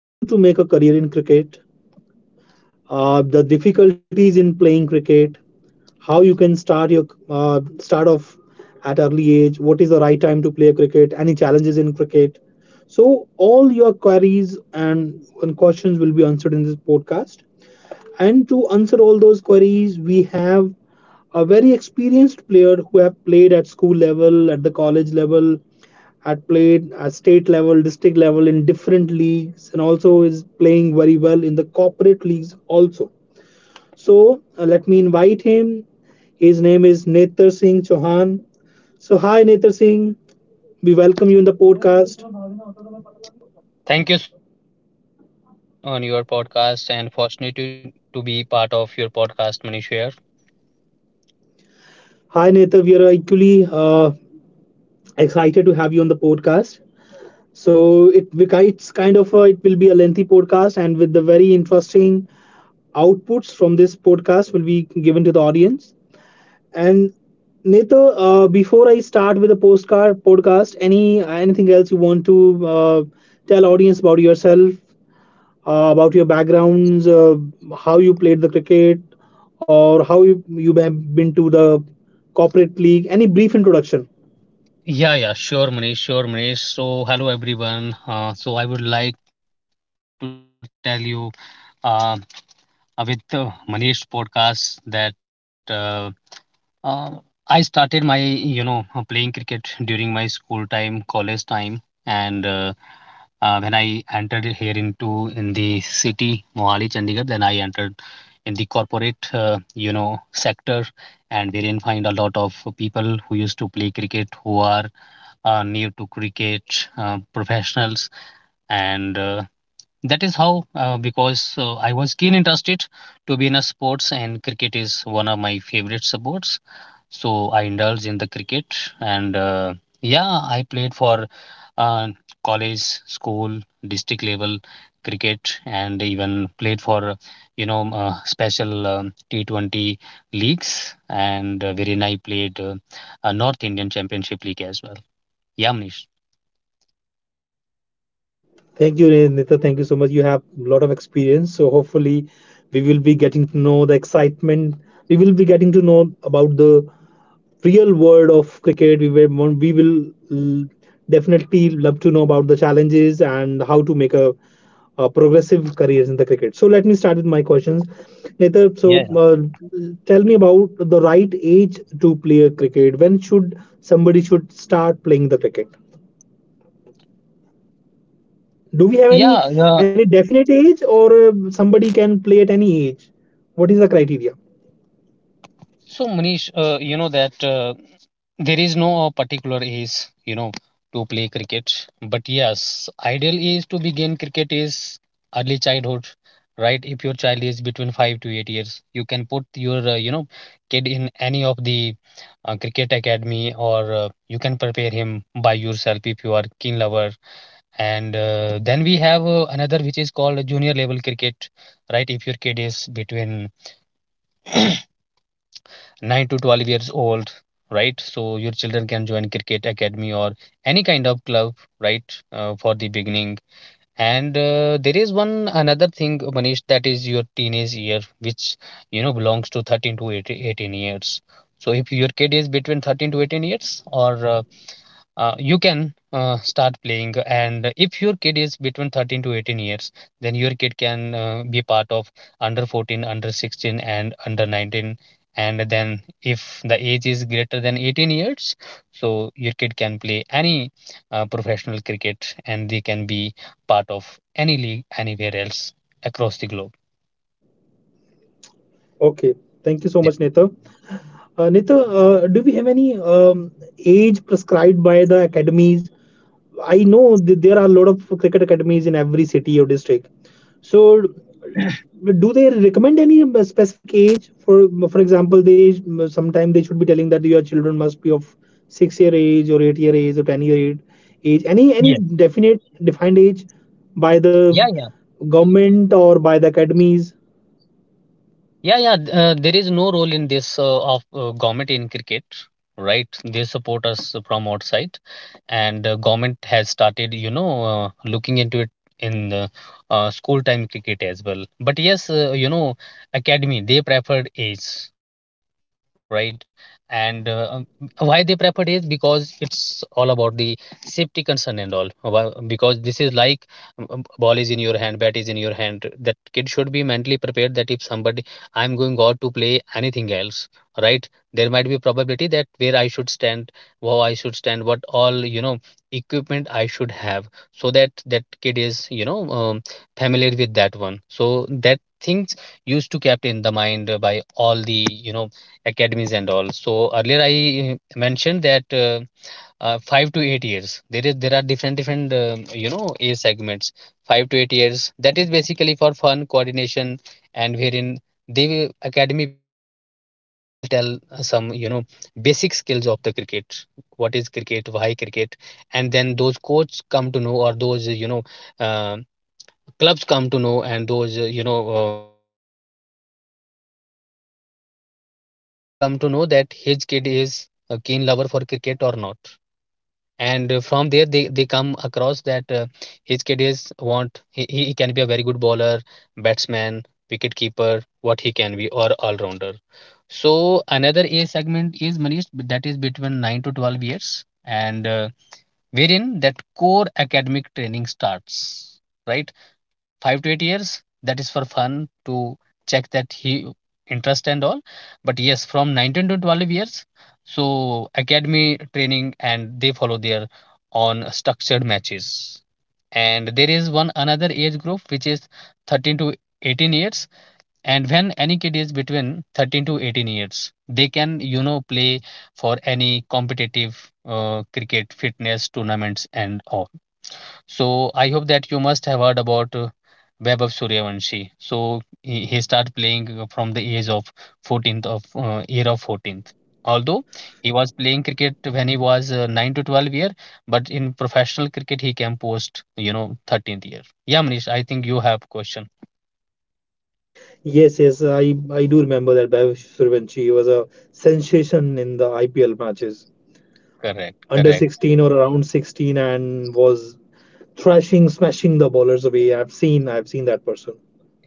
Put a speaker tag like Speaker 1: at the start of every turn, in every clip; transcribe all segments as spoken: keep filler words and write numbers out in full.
Speaker 1: how to make a career in cricket, uh, the difficulties in playing cricket, how you can start your uh, start off at early age, what is the right time to play cricket, any challenges in cricket. So all your queries and, and questions will be answered in this podcast. And to answer all those queries, we have a very experienced player who have played at school level, at the college level, had played at state level, district level in different leagues, and also is playing very well in the corporate leagues also. So uh, let me invite him. His name is Netar Singh Chauhan. So hi Netar Singh, we welcome you in the podcast.
Speaker 2: Thank you so much, Manish, for inviting me on your podcast and fortunate to, to be part of your podcast, Manish. Here.
Speaker 1: Hi Netar, we are equally uh, excited to have you on the podcast. So it like, it's kind of a, it will be a lengthy podcast, and with the very interesting outputs from this podcast will be given to the audience. And Neto, uh, before I start with the postcard podcast, any anything else you want to uh, tell audience about yourself, uh, about your backgrounds, uh, how you played the cricket, or how you you have been to the corporate league? Any brief introduction?
Speaker 2: Yeah, yeah, sure, Manish, sure, Manish. So, hello, everyone. Uh, so, I would like to tell you uh, uh, with uh, Manish podcast that uh, Uh, I started my, you know, uh, playing cricket during my school time, college time, and uh, uh, when I entered here into in the city, Mohali, Chandigarh, then I entered in the corporate, uh, you know, sector, and wherein find a lot of people who used to play cricket who are uh, new to cricket, uh, professionals, and uh, that is how uh, because uh, I was keen interested to be in a sports, and cricket is one of my favorite sports, so I indulged in the cricket, and uh, yeah, I played for uh, college, school, district level cricket, and even played for you know uh, special um, T twenty leagues. And uh, wherein I played uh, a North Indian Championship League as well. Yeah, Manish.
Speaker 1: Thank you, Nita. Thank you so much. You have a lot of experience. So hopefully we will be getting to know the excitement. We will be getting to know about the real world of cricket. We will, we will l- Definitely love to know about the challenges and how to make a, a progressive career in the cricket. So let me start with my questions. Nita, so
Speaker 2: Yeah,
Speaker 1: uh, tell me about the right age to play a cricket. When should somebody should start playing the cricket? Do we have any
Speaker 2: yeah, yeah.
Speaker 1: any definite age, or uh, somebody can play at any age? What is the criteria?
Speaker 2: So, Manish, uh, you know that uh, there is no uh, particular age, you know, to play cricket. But yes, ideal age to begin cricket is early childhood, right? If your child is between five to eight years, you can put your, uh, you know, kid in any of the uh, cricket academy, or uh, you can prepare him by yourself if you are keen lover. And uh, then we have uh, another which is called junior level cricket, right? If your kid is between nine to twelve years old, right? So your children can join cricket academy or any kind of club, right? Uh, for the beginning. And uh, there is one another thing, Manish, that is your teenage year, which you know belongs to thirteen to eighteen years. So if your kid is between thirteen to eighteen years, or uh, uh, you can uh, start playing. And if your kid is between thirteen to eighteen years, then your kid can uh, be part of under fourteen, under sixteen, and under nineteen. And then if the age is greater than eighteen years, so your kid can play any uh, professional cricket, and they can be part of any league anywhere else across the globe.
Speaker 1: Okay, thank you so
Speaker 2: Yeah.
Speaker 1: much, Nita. Uh, Nita, uh, do we have any um, age prescribed by the academies? I know that there are a lot of cricket academies in every city or district. So do they recommend any uh, specific age for for example, they sometimes they should be telling that your children must be of six year age or eight year age or ten year age age any any
Speaker 2: Yes.
Speaker 1: definite defined age by the
Speaker 2: Yeah, yeah.
Speaker 1: government or by the academies.
Speaker 2: Yeah, yeah. th- Uh, there is no role in this, uh, of uh, government in cricket, right? They support us from outside, and uh, government has started, you know, uh, looking into it in the uh, school time cricket as well. But yes, uh, you know, academy they preferred age, right? And uh, um, Why they preferred age? Because it's all about the safety concern and all. Why- Because this is like, um, um, ball is in your hand, bat is in your hand. That kid should be mentally prepared that if somebody, I'm going god to play anything else, right? There might be probability that where I should stand, how I should stand, what all, you know equipment I should have. So that that kid is, you know um, familiar with that one, so that things used to kept in the mind uh, by all the you know academies and all. So earlier I uh, mentioned that, uh, uh, five to eight years. There is there are different different um you know age segments. Five to eight years. That is basically for fun coordination, and wherein they academy people will tell uh, some you know basic skills of the cricket. What is cricket? Why cricket? And then those coaches come to know, or those uh, you know uh, clubs come to know, and those uh, you know uh, uh, clubs come to know. Uh, or academy come to know that his kid is a keen lover for cricket or not. And uh, from there they, they come across that, uh, his kid is want he, he can be a very good bowler, batsman, wicket keeper, what he can be, or all rounder. So another age segment is, Manish, that is between nine to twelve years, and uh, wherein that core academic training starts, right? Five to eight years, that is for fun to check that he interest and all. But yes, from nineteen to twelve years, so academy training, and they follow their on structured matches. And there is one another age group which is thirteen to eighteen years. And when any kid is between thirteen to eighteen years, they can you know play for any competitive uh, cricket fitness tournaments and all. So I hope that you must have heard about uh, Vaibhav Suryavanshi. So he, he started playing uh, from the age of fourteenth, of uh, year of fourteenth. Although he was playing cricket when he was uh, nine to twelve year, but in professional cricket he came post, you know, thirteenth year. Yeah, Manish, I think you have question.
Speaker 1: Yes yes i i do remember that Bhavesh Suryanshi was a sensation in the IPL matches
Speaker 2: Correct,
Speaker 1: under
Speaker 2: correct.
Speaker 1: sixteen or around sixteen and was thrashing smashing the bowlers away. I've seen i've seen that person.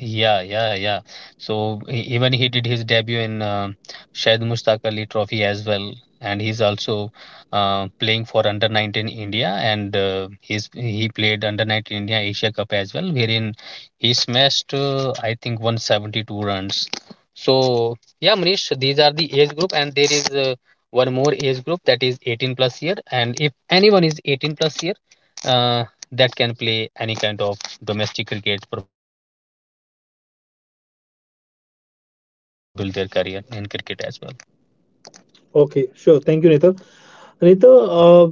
Speaker 2: Yeah, yeah, yeah. So e- even he did his debut in uh, Syed Mustaq Ali Trophy as well, and he's also uh, playing for under nineteen India, and uh, he's he played under nineteen India Asia Cup as well, wherein he smashed uh, I think one hundred seventy-two runs. So yeah, Manish, these are the age group, and there is uh, one more age group that is eighteen plus year, and if anyone is eighteen plus year, uh, that can play any kind of domestic cricket professional career, and they can build their career in cricket as well.
Speaker 1: Okay, sure. Thank you, Nita. Nita, uh,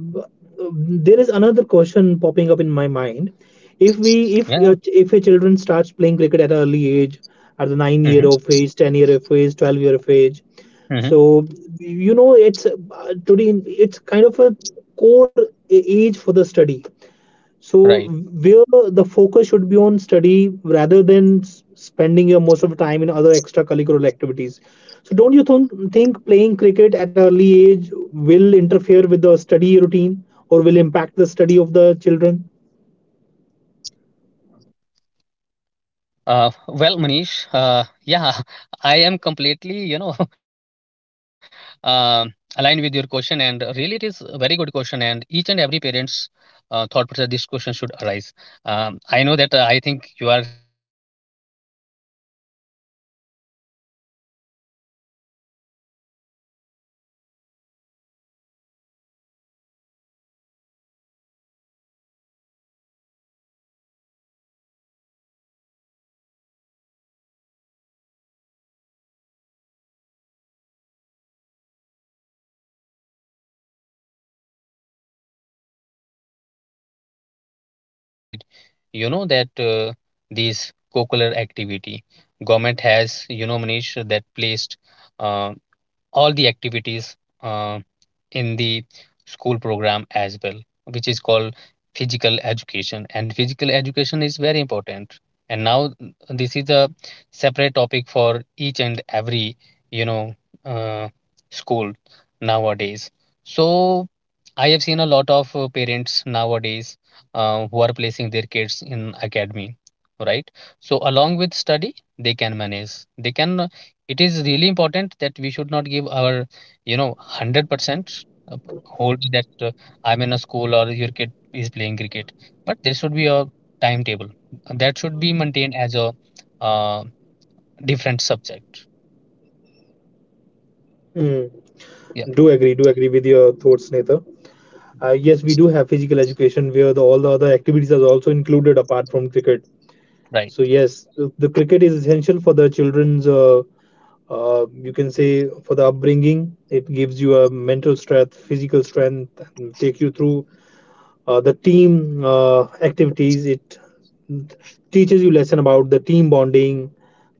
Speaker 1: there is another question popping up in my mind. If
Speaker 2: Yeah.
Speaker 1: we, if a ch- if a children starts playing cricket at an early age, at the
Speaker 2: Yeah.
Speaker 1: nine
Speaker 2: Mm-hmm.
Speaker 1: year of age, ten year of age, twelve year of age,
Speaker 2: Mm-hmm.
Speaker 1: so you know it's uh, today it's kind of a core a- age for the study, so
Speaker 2: Right.
Speaker 1: where the focus should be on study rather than s- spending your most of the time in other extracurricular activities. So don't you think think playing cricket at early age will interfere with the study routine or will impact the study of the children?
Speaker 2: Uh, well, Manish, uh, yeah, I am completely, you know, um aligned with your question, and really it is a very good question, and each and every parent's uh, thought process, this question should arise. Um, I know that, uh, I think you are trying to put your kid uh, on a cricket academy. See, Manish, uh, if playing cricket they can do each and everything, right? So nowadays government has also started, you know that uh, these co-curricular activity, government has, you know Manish, that placed uh, all the activities uh, in the school program as well, which is called physical education. And physical education is very important. And now, mm, this is a separate topic for each and every you know uh, school nowadays. So I have seen a lot of uh, parents nowadays, uh, who are placing their kids in academy, right? So along with study, they can manage. They can It is really important that we should not give our you know one hundred percent of hold that, uh, I'm in a school or your kid is playing cricket, but there should be a timetable that should be maintained as a, uh, different subject,
Speaker 1: Hmm.
Speaker 2: yeah,
Speaker 1: Do agree, do agree with your thoughts, Netha. Uh, yes, we do have physical education where the, all the other activities are also included apart from cricket.
Speaker 2: right.
Speaker 1: So yes, the, the cricket is essential for the children's. Uh, uh, you can say for the upbringing, it gives you a mental strength, physical strength, and take you through uh, the team uh, activities. It teaches you lesson about the team bonding.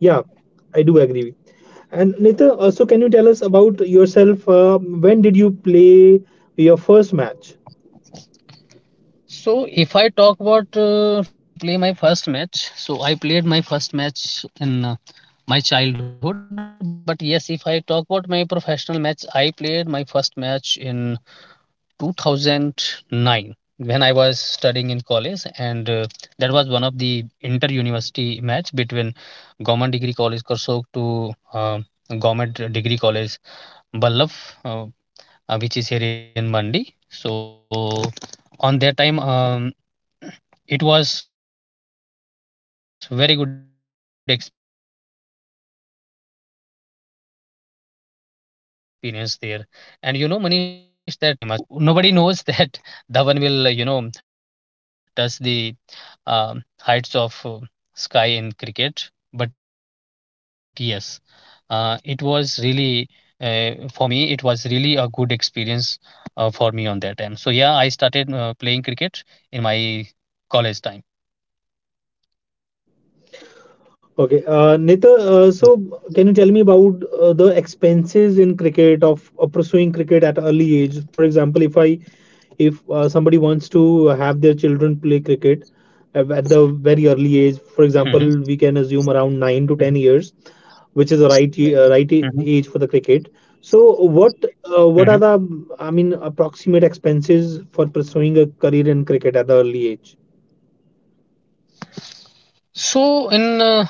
Speaker 1: Yeah, I do agree with- And Nita, also can you tell us about yourself? Uh, when did you play your first match?
Speaker 2: So if I talk about uh, to play my first match, so I played my first match in uh, my childhood. But yes, if I talk about my professional match, I played my first match in two thousand nine, when I was studying in college, and uh, that was one of the inter university match between Government Degree College Korsok to uh, Government Degree College Ballab, uh, uh, which is here in Mandi. So on that time, um, it was very good experience there. And you know, Manish, that uh, when I played that match, that was against one of the greatest Himachal cricketer, Rishi Dhawan. And so nobody knows that Dhawan will, you know, touch the um heights of uh, sky in cricket. But yes, uh, it was really uh, for me. It was really a good experience uh, for me on that time. So yeah, I started uh, playing cricket in my college time.
Speaker 1: Okay, uh, Nitha, uh, so can you tell me about uh, the expenses in cricket of, of pursuing cricket at early age? For example, if I if uh, somebody wants to have their children play cricket uh, at the very early
Speaker 2: Hmm.
Speaker 1: age, for example, we can assume
Speaker 2: Hmm.
Speaker 1: around nine to ten years, which is the right ye-
Speaker 2: Hmm.
Speaker 1: uh, right a- age for the cricket. So what
Speaker 2: Hmm.
Speaker 1: uh, what are the, I mean, approximate expenses for pursuing a career in cricket at the early age?
Speaker 2: So, in uh,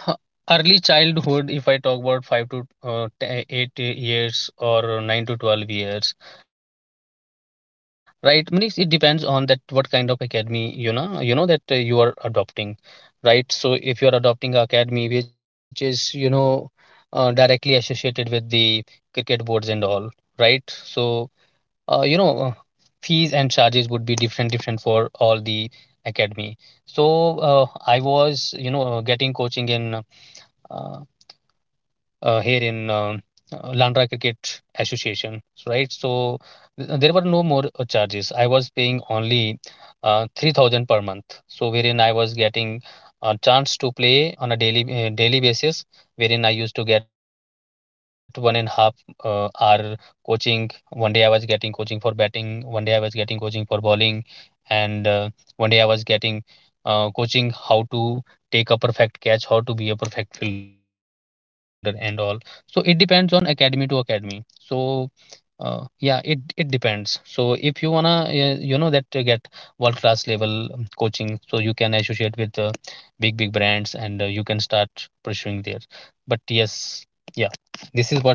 Speaker 2: early childhood, if I talk about five to uh, te- eight years or nine to twelve years, right? Means it depends on that what kind of academy, you know you know that uh, you are adopting, right? So, if you are adopting a academy which is, you know uh, directly associated with the cricket boards and all, right? So uh, you know uh, fees and charges would be different different for all the academy. So uh, I was, you know uh, getting coaching in, uh, uh, here in, um, uh, Landra Cricket Association, right? So th- uh, there were no more uh, charges. I was paying only uh, three thousand per month. So wherein I was getting a chance to play on a daily uh, daily basis, wherein I used to get one and a half uh, hour coaching. One day I was getting coaching for batting, one day I was getting coaching for bowling, and uh, one day I was getting uh, coaching how to take a perfect catch, how to be a perfect fielder, and all. So it depends on academy to academy. So uh, yeah, it it depends. So if you wanna uh, you know that uh, get world class level um, coaching, so you can associate with uh, big big brands, and uh, you can start pursuing there. But yes. Yeah, this is what. uh,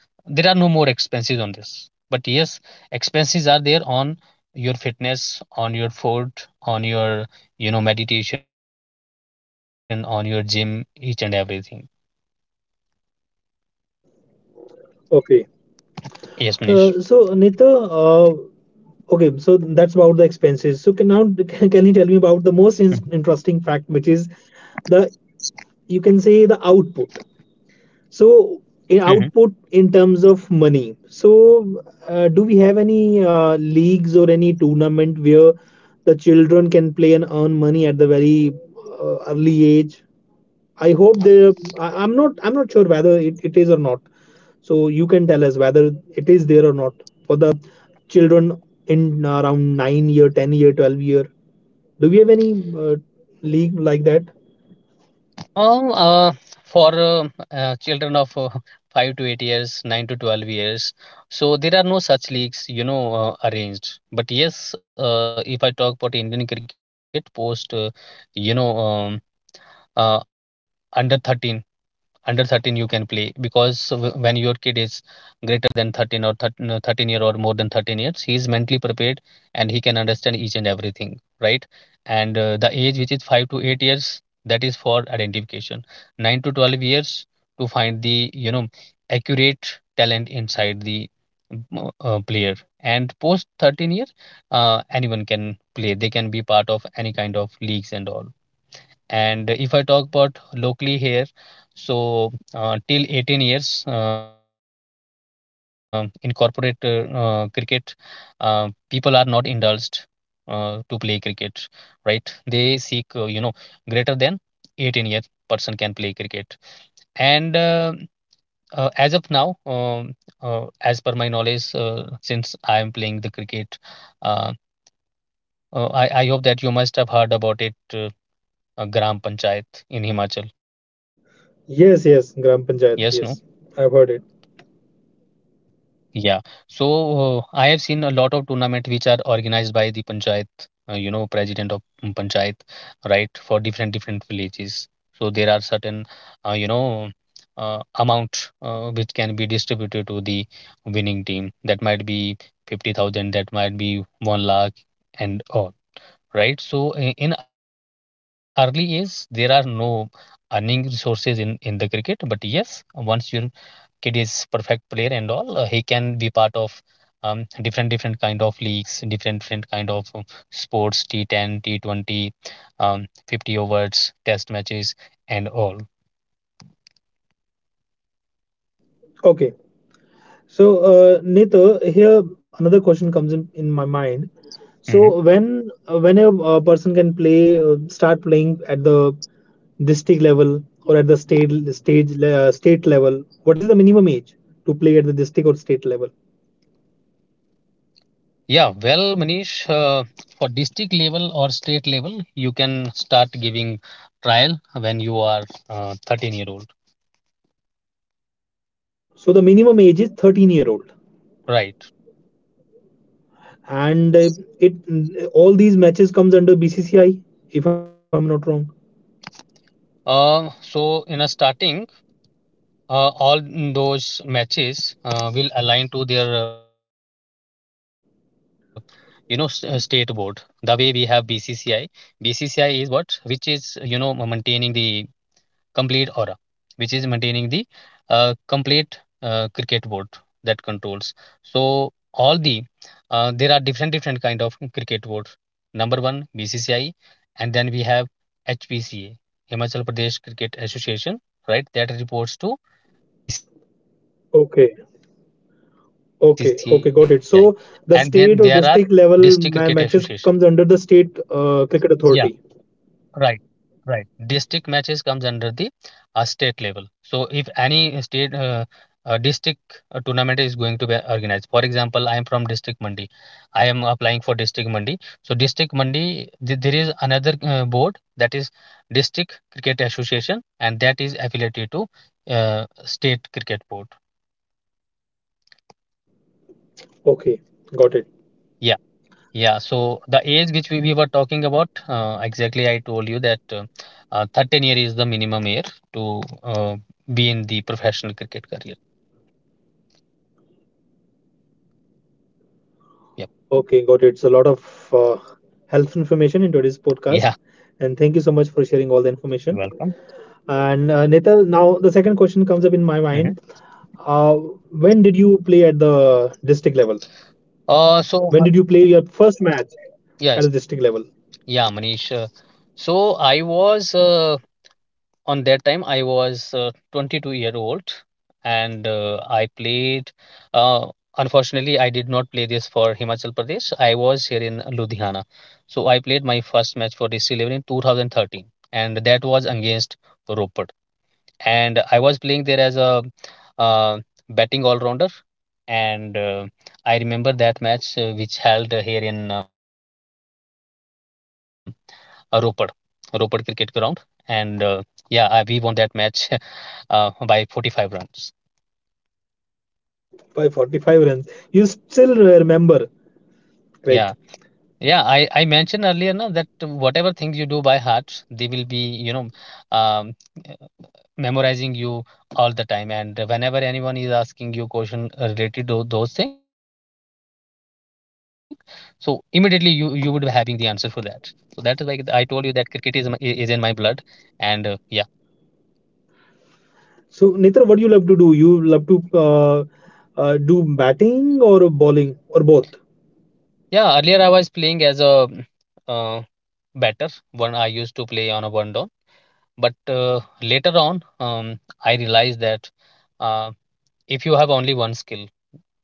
Speaker 2: there are no more expenses on this, but yes, expenses are there on your fitness, on your food, on your meditation, on your gym, each and everything. Yes, Manish.
Speaker 1: Okay. Uh, so Nita, uh, okay, so that's about the expenses. So can now can can you
Speaker 2: Mhm.
Speaker 1: tell me about the most in- interesting fact, which is the, you can say, the output. So
Speaker 2: Mhm.
Speaker 1: in output in terms of money. So uh, do we have any uh, leagues or any tournament where the children can play and earn money at the very uh, early age? I hope they. I, I'm not. I'm not sure whether it, it is or not. So you can tell us whether it is there or not for the children in around nine year, ten year, twelve year. Do we have any uh, league like that?
Speaker 2: Um, uh, for uh, uh, children of uh, five to eight years, nine to twelve years, so there are no such leagues, you know, uh, arranged. But yes, uh, if I talk about Indian cricket post, uh, you know, um, uh, under thirteen under thirteen you can play, because w- when your kid is greater than thirteen or uh, thirteen year or more than thirteen years, he is mentally prepared and he can understand each and everything, right. And uh, the age which is five to eight years, that is for identification. nine to twelve years, to find the you know accurate talent inside the mm, uh, player. And post thirteen year, uh, anyone can play, they can be part of any kind of leagues and all. And if I talk about locally here, so uh, till eighteen years uh, in corporate uh, uh, cricket, uh, people are not indulged uh, to play cricket, right? They seek, uh, you know, greater than eighteen year person can play cricket. And uh, uh, as of now, um, uh, as per my knowledge, uh, since I am playing the cricket, uh, uh, I, I hope that you must have heard about it, uh, uh, Gram Panchayat in Himachal. Yes, no?
Speaker 1: Yes, yes, Gram Panchayat. Yes, I've heard it.
Speaker 2: Yeah. So uh, I have seen a lot of tournament which are organized by the Panchayat, uh, you know, president of mm, Panchayat, right, for different different villages. So there are certain, uh, you know, uh, amount uh, which can be distributed to the winning team. That might be fifty thousand, that might be one lakh and all. Right? So i- in early age, there are no earning resources in in the cricket, but yes, once your kid is perfect player and all, uh, he can be part of um, different different kind of leagues, different different kind of um, sports, T ten, T twenty, um, fifty overs, test matches, and all.
Speaker 1: Okay. So, uh, Nita, here another question comes in, in my mind.
Speaker 2: Mhm.
Speaker 1: So, when when a, uh, person can play, uh, start playing at the district level or at the state stage le- uh, state level, what is the minimum age to play at the district or state level?
Speaker 2: Yeah, well, Manish, uh, for district level or state level, you can start giving trial when you are uh, thirteen year old,
Speaker 1: So, the minimum age is thirteen year old,
Speaker 2: right?
Speaker 1: and uh, it, all these matches comes under B C C I, if I'm not wrong.
Speaker 2: Uh, so in a starting, uh, all those matches uh, will align to their, uh, you know, s- uh, state board. The way we have B C C I. B C C I is what, which is uh, you know ma- maintaining the complete order, which is maintaining the uh, complete uh, cricket board that controls. So all the uh, there are different different kind of cricket boards. Number one, BCCI, and then we have HPCA, Himachal Pradesh Cricket Association, right, that reports to
Speaker 1: Okay.
Speaker 2: BCCI. And then there
Speaker 1: Okay,
Speaker 2: are
Speaker 1: okay, got it.
Speaker 2: district cricket
Speaker 1: So the
Speaker 2: association.
Speaker 1: state or district level ma matches
Speaker 2: Yeah,
Speaker 1: comes under the state uh, cricket
Speaker 2: right.
Speaker 1: authority.
Speaker 2: Right, district matches comes under the uh, state level. So if any state uh, uh, district uh, tournament is going to be organized, for example, I am from district Mandi. I am applying for district Mandi. So district Mandi, th- there is another uh, board that is district cricket association, and that is affiliated to uh, state cricket board.
Speaker 1: Okay, got it.
Speaker 2: Yeah. Yeah, so the age which we, we were talking about, uh, exactly I told you that uh, uh, thirteen year is the minimum year to uh, be in the professional cricket career.
Speaker 1: Okay, got it. So a lot
Speaker 2: Yep.
Speaker 1: of uh, helpful information in today's podcast, and thank you so
Speaker 2: Yeah,
Speaker 1: much for sharing all the information.
Speaker 2: you're welcome.
Speaker 1: And uh, Nital, now the second question comes up in my mind.
Speaker 2: Hmm.
Speaker 1: Uh, when did you play at the district level? When did
Speaker 2: Uh,
Speaker 1: you play
Speaker 2: so Ma-
Speaker 1: your first match at the district
Speaker 2: yeah,
Speaker 1: level
Speaker 2: yeah, Manish. Uh, so I was uh, on that time I was uh, twenty-two year old, and uh, I played. uh, Unfortunately, I did not play this for Himachal Pradesh. I was here in Ludhiana. So I played my first match for D C eleven in twenty thirteen, and that was against Rupert. And I was playing there as a uh, batting all rounder. And uh, I remember that match uh, which held uh, here in uh, uh, Ropar, Ropar cricket ground. And uh, yeah, I, we won that match uh, by forty-five runs.
Speaker 1: by forty-five runs? You still remember,
Speaker 2: Yeah,
Speaker 1: right?
Speaker 2: yeah. I I mentioned earlier, na, that whatever things you do by heart, they will be, you know um, memorizing you all the time. And whenever anyone is asking you question related to those things, so immediately you you would be having the answer for that. So that is why I told you that cricketism is, is in my blood, and uh, yeah.
Speaker 1: So, Nitra, what do you love to do? You love to uh, uh, do batting or bowling or both?
Speaker 2: Yeah, earlier I was playing as a uh, batter. One I used to play on a one down, but uh, later on, um, I realized that uh, if you have only one skill,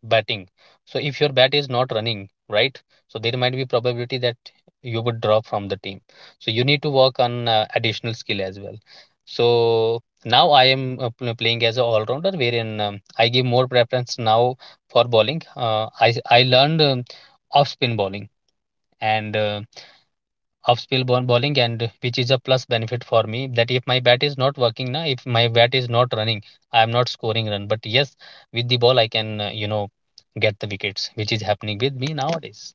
Speaker 2: batting, so if your bat is not running right, so there might be probability that you would drop from the team. So you need to work on uh, additional skill as well. So now I am uh, pl- playing as a all rounder, wherein um, I give more preference now for bowling. Uh, I I learned um, off spin bowling, and uh, off spill ball- bowling, and which is a plus benefit for me that if my bat is not working, na, if my bat is not running, I am not scoring run, but yes, with the ball I can uh, you know get the wickets, which is happening with me nowadays.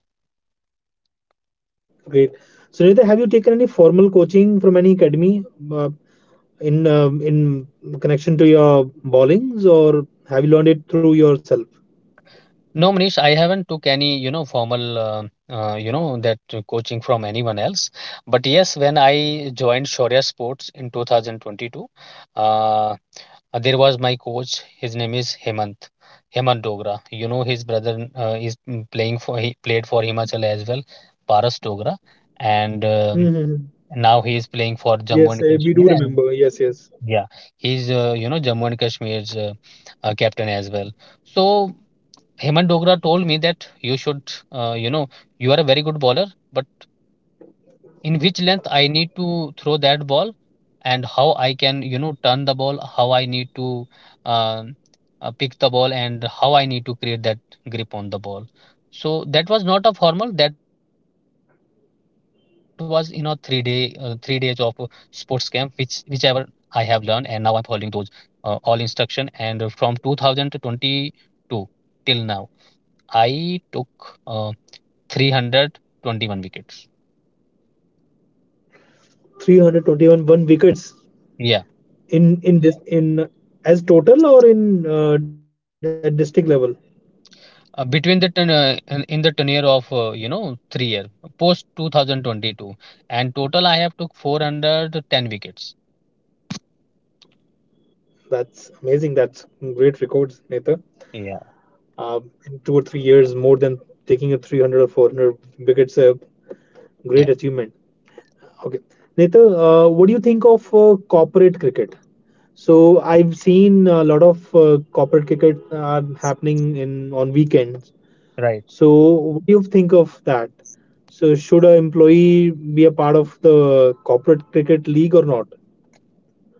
Speaker 1: Great. So, Nitra, have you taken any formal coaching from any academy uh, in um in connection to your bowlings, or have you learned it through yourself?
Speaker 2: No, Manish, I haven't took any you know formal uh, uh, you know that uh, coaching from anyone else. But yes, when I joined Shaurya Sports in twenty twenty-two, uh, Uh, there was my coach. His name is Hemant. Hemant Dogra. You know his brother uh, is mm, playing for he played for Himachal as well, Paras Dogra. And um,
Speaker 1: Hmm.
Speaker 2: now he is playing for Jammu
Speaker 1: Yes,
Speaker 2: and
Speaker 1: uh, we do
Speaker 2: Kashmir. And
Speaker 1: remember. Yes, yes.
Speaker 2: yeah, he's uh, you know Jammu and Kashmir's uh, uh, captain as well. So Hemant Dogra told me that you should uh, you know you are a very good bowler, but in which length I need to throw that ball, and how I can you know turn the ball, how I need to um, uh, pick the ball, and how I need to create that grip on the ball. So that was not a formal. That was, you know three day uh, three days of uh, sports camp, which whichever I have learned, and now I'm following those uh, all instruction. And uh, from two thousand twenty-two till now, I took uh, three hundred twenty-one wickets.
Speaker 1: three twenty-one one wickets
Speaker 2: Yeah,
Speaker 1: in in this, in as total or in uh, at district level?
Speaker 2: uh, between the ten, uh, in in the tenure of uh, you know three year post twenty twenty-two, and total I have took four hundred ten wickets.
Speaker 1: That's amazing. That's great records, Nitra.
Speaker 2: Yeah,
Speaker 1: Um, in two or three years more than taking a three hundred or four hundred wickets, a great
Speaker 2: yeah,
Speaker 1: achievement. Okay. Neta, uh, what do you think of uh, corporate cricket? So I've seen a lot of uh, corporate cricket are happening in on weekends.
Speaker 2: right.
Speaker 1: So what do you think of that? So should an employee be a part of the corporate cricket league or not?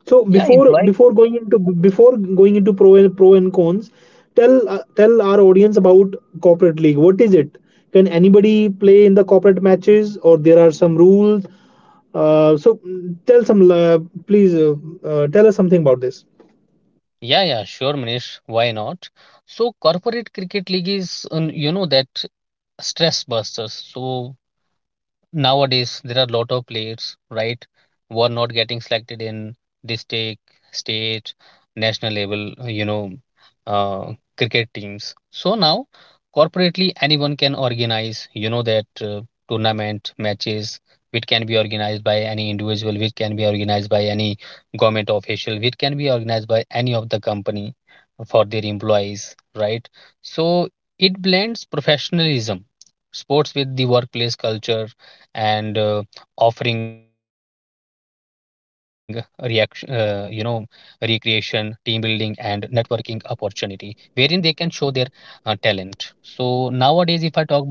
Speaker 1: So
Speaker 2: Yeah,
Speaker 1: before
Speaker 2: employee.
Speaker 1: before going into before going into pro and pro and cons, tell uh, tell our audience about corporate league. What is it? Can anybody play in the corporate matches, or there are some rules? Uh, so mm, tell some uh, please uh, uh, tell us something about this.
Speaker 2: Yeah, yeah, sure, Manish, why not? So corporate cricket league is, um, you know that stress busters. So nowadays, there are a lot of players, right, who are not getting selected in district, state, national level, you know, uh, cricket teams. So now, corporately, anyone can organize, you know, that uh, tournament matches, which can be organized by any individual, which can be organized by any government official, which can be organized by any of the company for their employees, right? So it blends professionalism sports with the workplace culture, and uh, offering reaction uh, you know recreation, team building, and networking opportunity, wherein they can show their uh, talent. So nowadays, if I talk about tri city,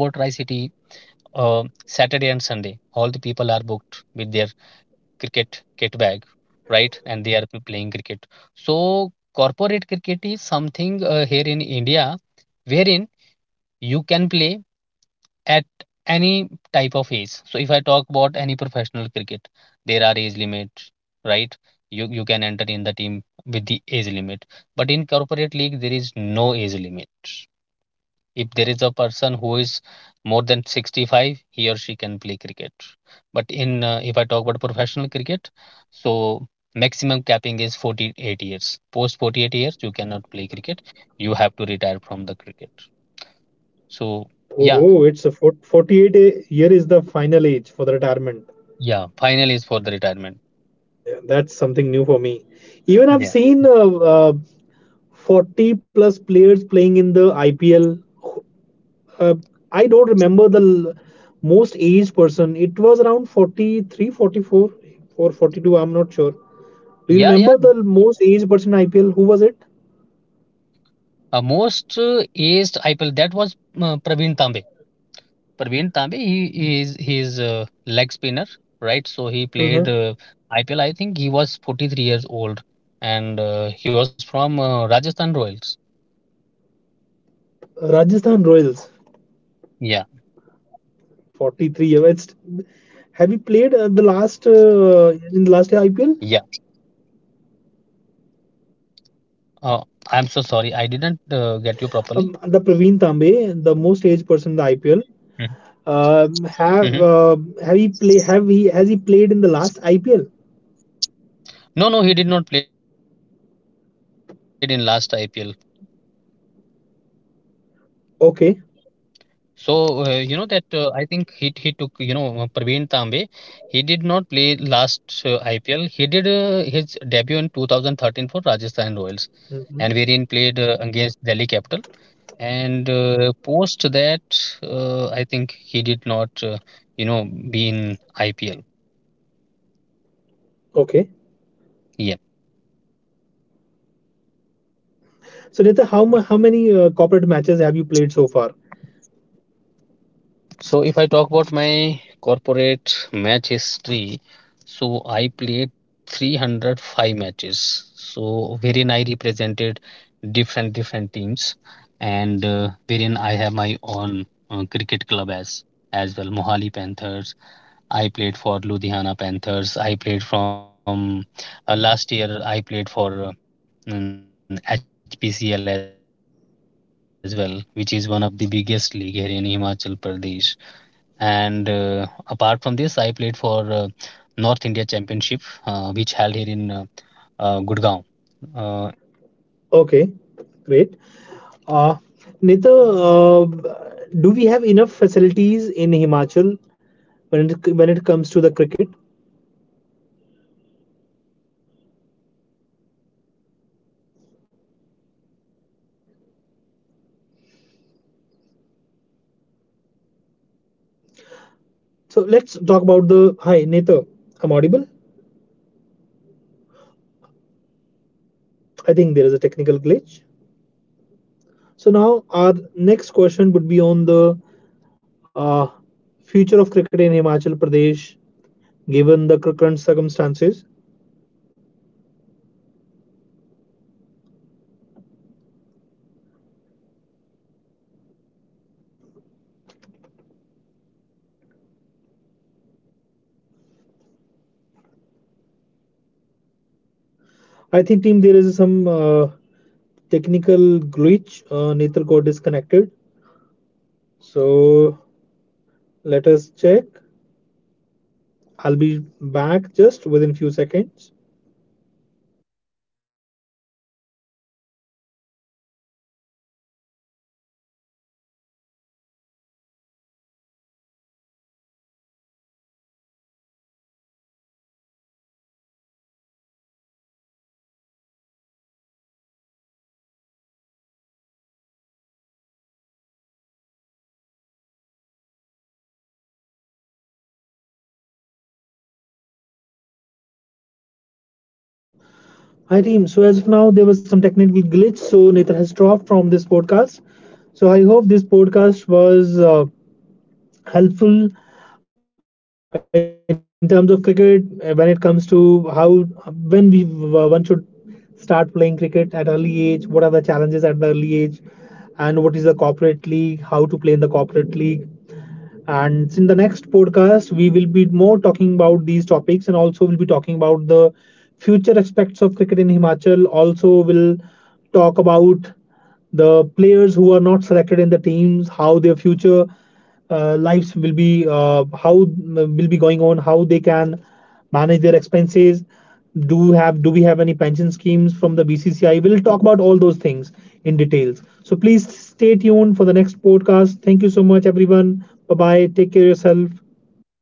Speaker 2: uh, Saturday and Sunday, all the people are booked with their cricket kit bag, right, and they are p- playing cricket. So corporate cricket is something uh, here in India, wherein you can play at any type of age. So if I talk about any professional cricket, there are age limits, right? You you can enter in the team with the age limit. But in corporate league there is no age limit. If there is a person who is more than sixty-five, he or she can play cricket. But in uh, if I talk about professional cricket, so maximum capping is forty-eight years. Post forty-eight years you cannot play cricket. You have to retire from the cricket. So
Speaker 1: Oh,
Speaker 2: yeah,
Speaker 1: oh, it's a fort- forty-eight a- year is the final age for the retirement.
Speaker 2: yeah, final is for the retirement.
Speaker 1: Yeah, that's something new for me. Even I've seen
Speaker 2: Yeah,
Speaker 1: uh, uh, forty plus players playing in the I P L. uh, I don't remember the l- most aged person. It was around forty-three, forty-four, or forty-two. I'm not sure. Do you remember
Speaker 2: yeah,
Speaker 1: the l-
Speaker 2: yeah.
Speaker 1: most aged person in I P L? Who was it?
Speaker 2: Uh, most uh, aced I P L, that was uh, Praveen Tambe. Praveen Tambe, he is his uh, leg spinner, right? So he
Speaker 1: Uh-huh.
Speaker 2: played uh, I P L. I think he was forty-three years old, and uh, he was from uh, Rajasthan Royals.
Speaker 1: Rajasthan Royals,
Speaker 2: Yeah,
Speaker 1: forty-three years. It's, have you played uh, the last
Speaker 2: yeah.
Speaker 1: uh, in the last I P L?
Speaker 2: Uh, I'm so sorry, I didn't uh, get you properly.
Speaker 1: Um, the Praveen Tambe, the most aged person
Speaker 2: Mhm.
Speaker 1: in the I P L.
Speaker 2: Mhm.
Speaker 1: Um, have uh, have he play? Have he has he played in the last I P L?
Speaker 2: No, no, he did not play in last I P L.
Speaker 1: Okay.
Speaker 2: So, uh, you know that, uh, I think he he took, you know uh, Praveen Tambe. He did not play last uh, I P L. He did uh, his debut in twenty thirteen for Rajasthan Royals, and wherein
Speaker 1: Mhm.
Speaker 2: played uh, against Delhi Capital. And uh, post that, uh, I think he did not uh, you know be in I P L.
Speaker 1: Okay.
Speaker 2: Yeah.
Speaker 1: So, Nita, how mu- how many uh, corporate matches have you played so far?
Speaker 2: So if I talk about my corporate match history, so I played three hundred five matches. So wherein I represented different different teams, and uh, wherein I have my own uh, cricket club as as well. Mohali Panthers. I played for Ludhiana Panthers. I played from uh, last year. I played for uh, mm, H P C L as well, which is one of the biggest league here in Himachal Pradesh. And uh, apart from this, I played for uh, North India Championship, uh, which held here in uh, uh, Gurgaon uh, in twenty twenty-two, and we were champion. And where I was
Speaker 1: Okay,
Speaker 2: representing
Speaker 1: great.
Speaker 2: Punjab.
Speaker 1: Uh,
Speaker 2: Yeah.
Speaker 1: Nita, uh, do we have enough facilities in Himachal when it when it comes to the cricket? So let's talk about the. Hi, Nita, I'm audible. I think there is a technical glitch. So now our next question would be on the uh, future of cricket in Himachal Pradesh, given the cur- current circumstances. I think team there is some. Uh, technical glitch. Uh, Nether got disconnected. So let us check. I'll be back just within few seconds. Hi team. So as of now, there was some technical glitch. So Nether has dropped from this podcast. So I hope this podcast was uh, helpful in terms of cricket uh, when it comes to how when we uh, one should start playing cricket at early age. What are the challenges at the early age? And what is the corporate league, how to play in the corporate league. And in the next podcast, we will be more talking about these topics and also we'll be talking about the future aspects of cricket in Himachal. Also, we'll talk about the players who are not selected in the teams, how their future uh, lives will be, uh, how uh, will be going on, how they can manage their expenses. Do we have do we have any pension schemes from the BCCI? We'll talk about all those things in details. So please stay tuned for the next podcast. Thank you so much everyone. Bye bye, take care of yourself.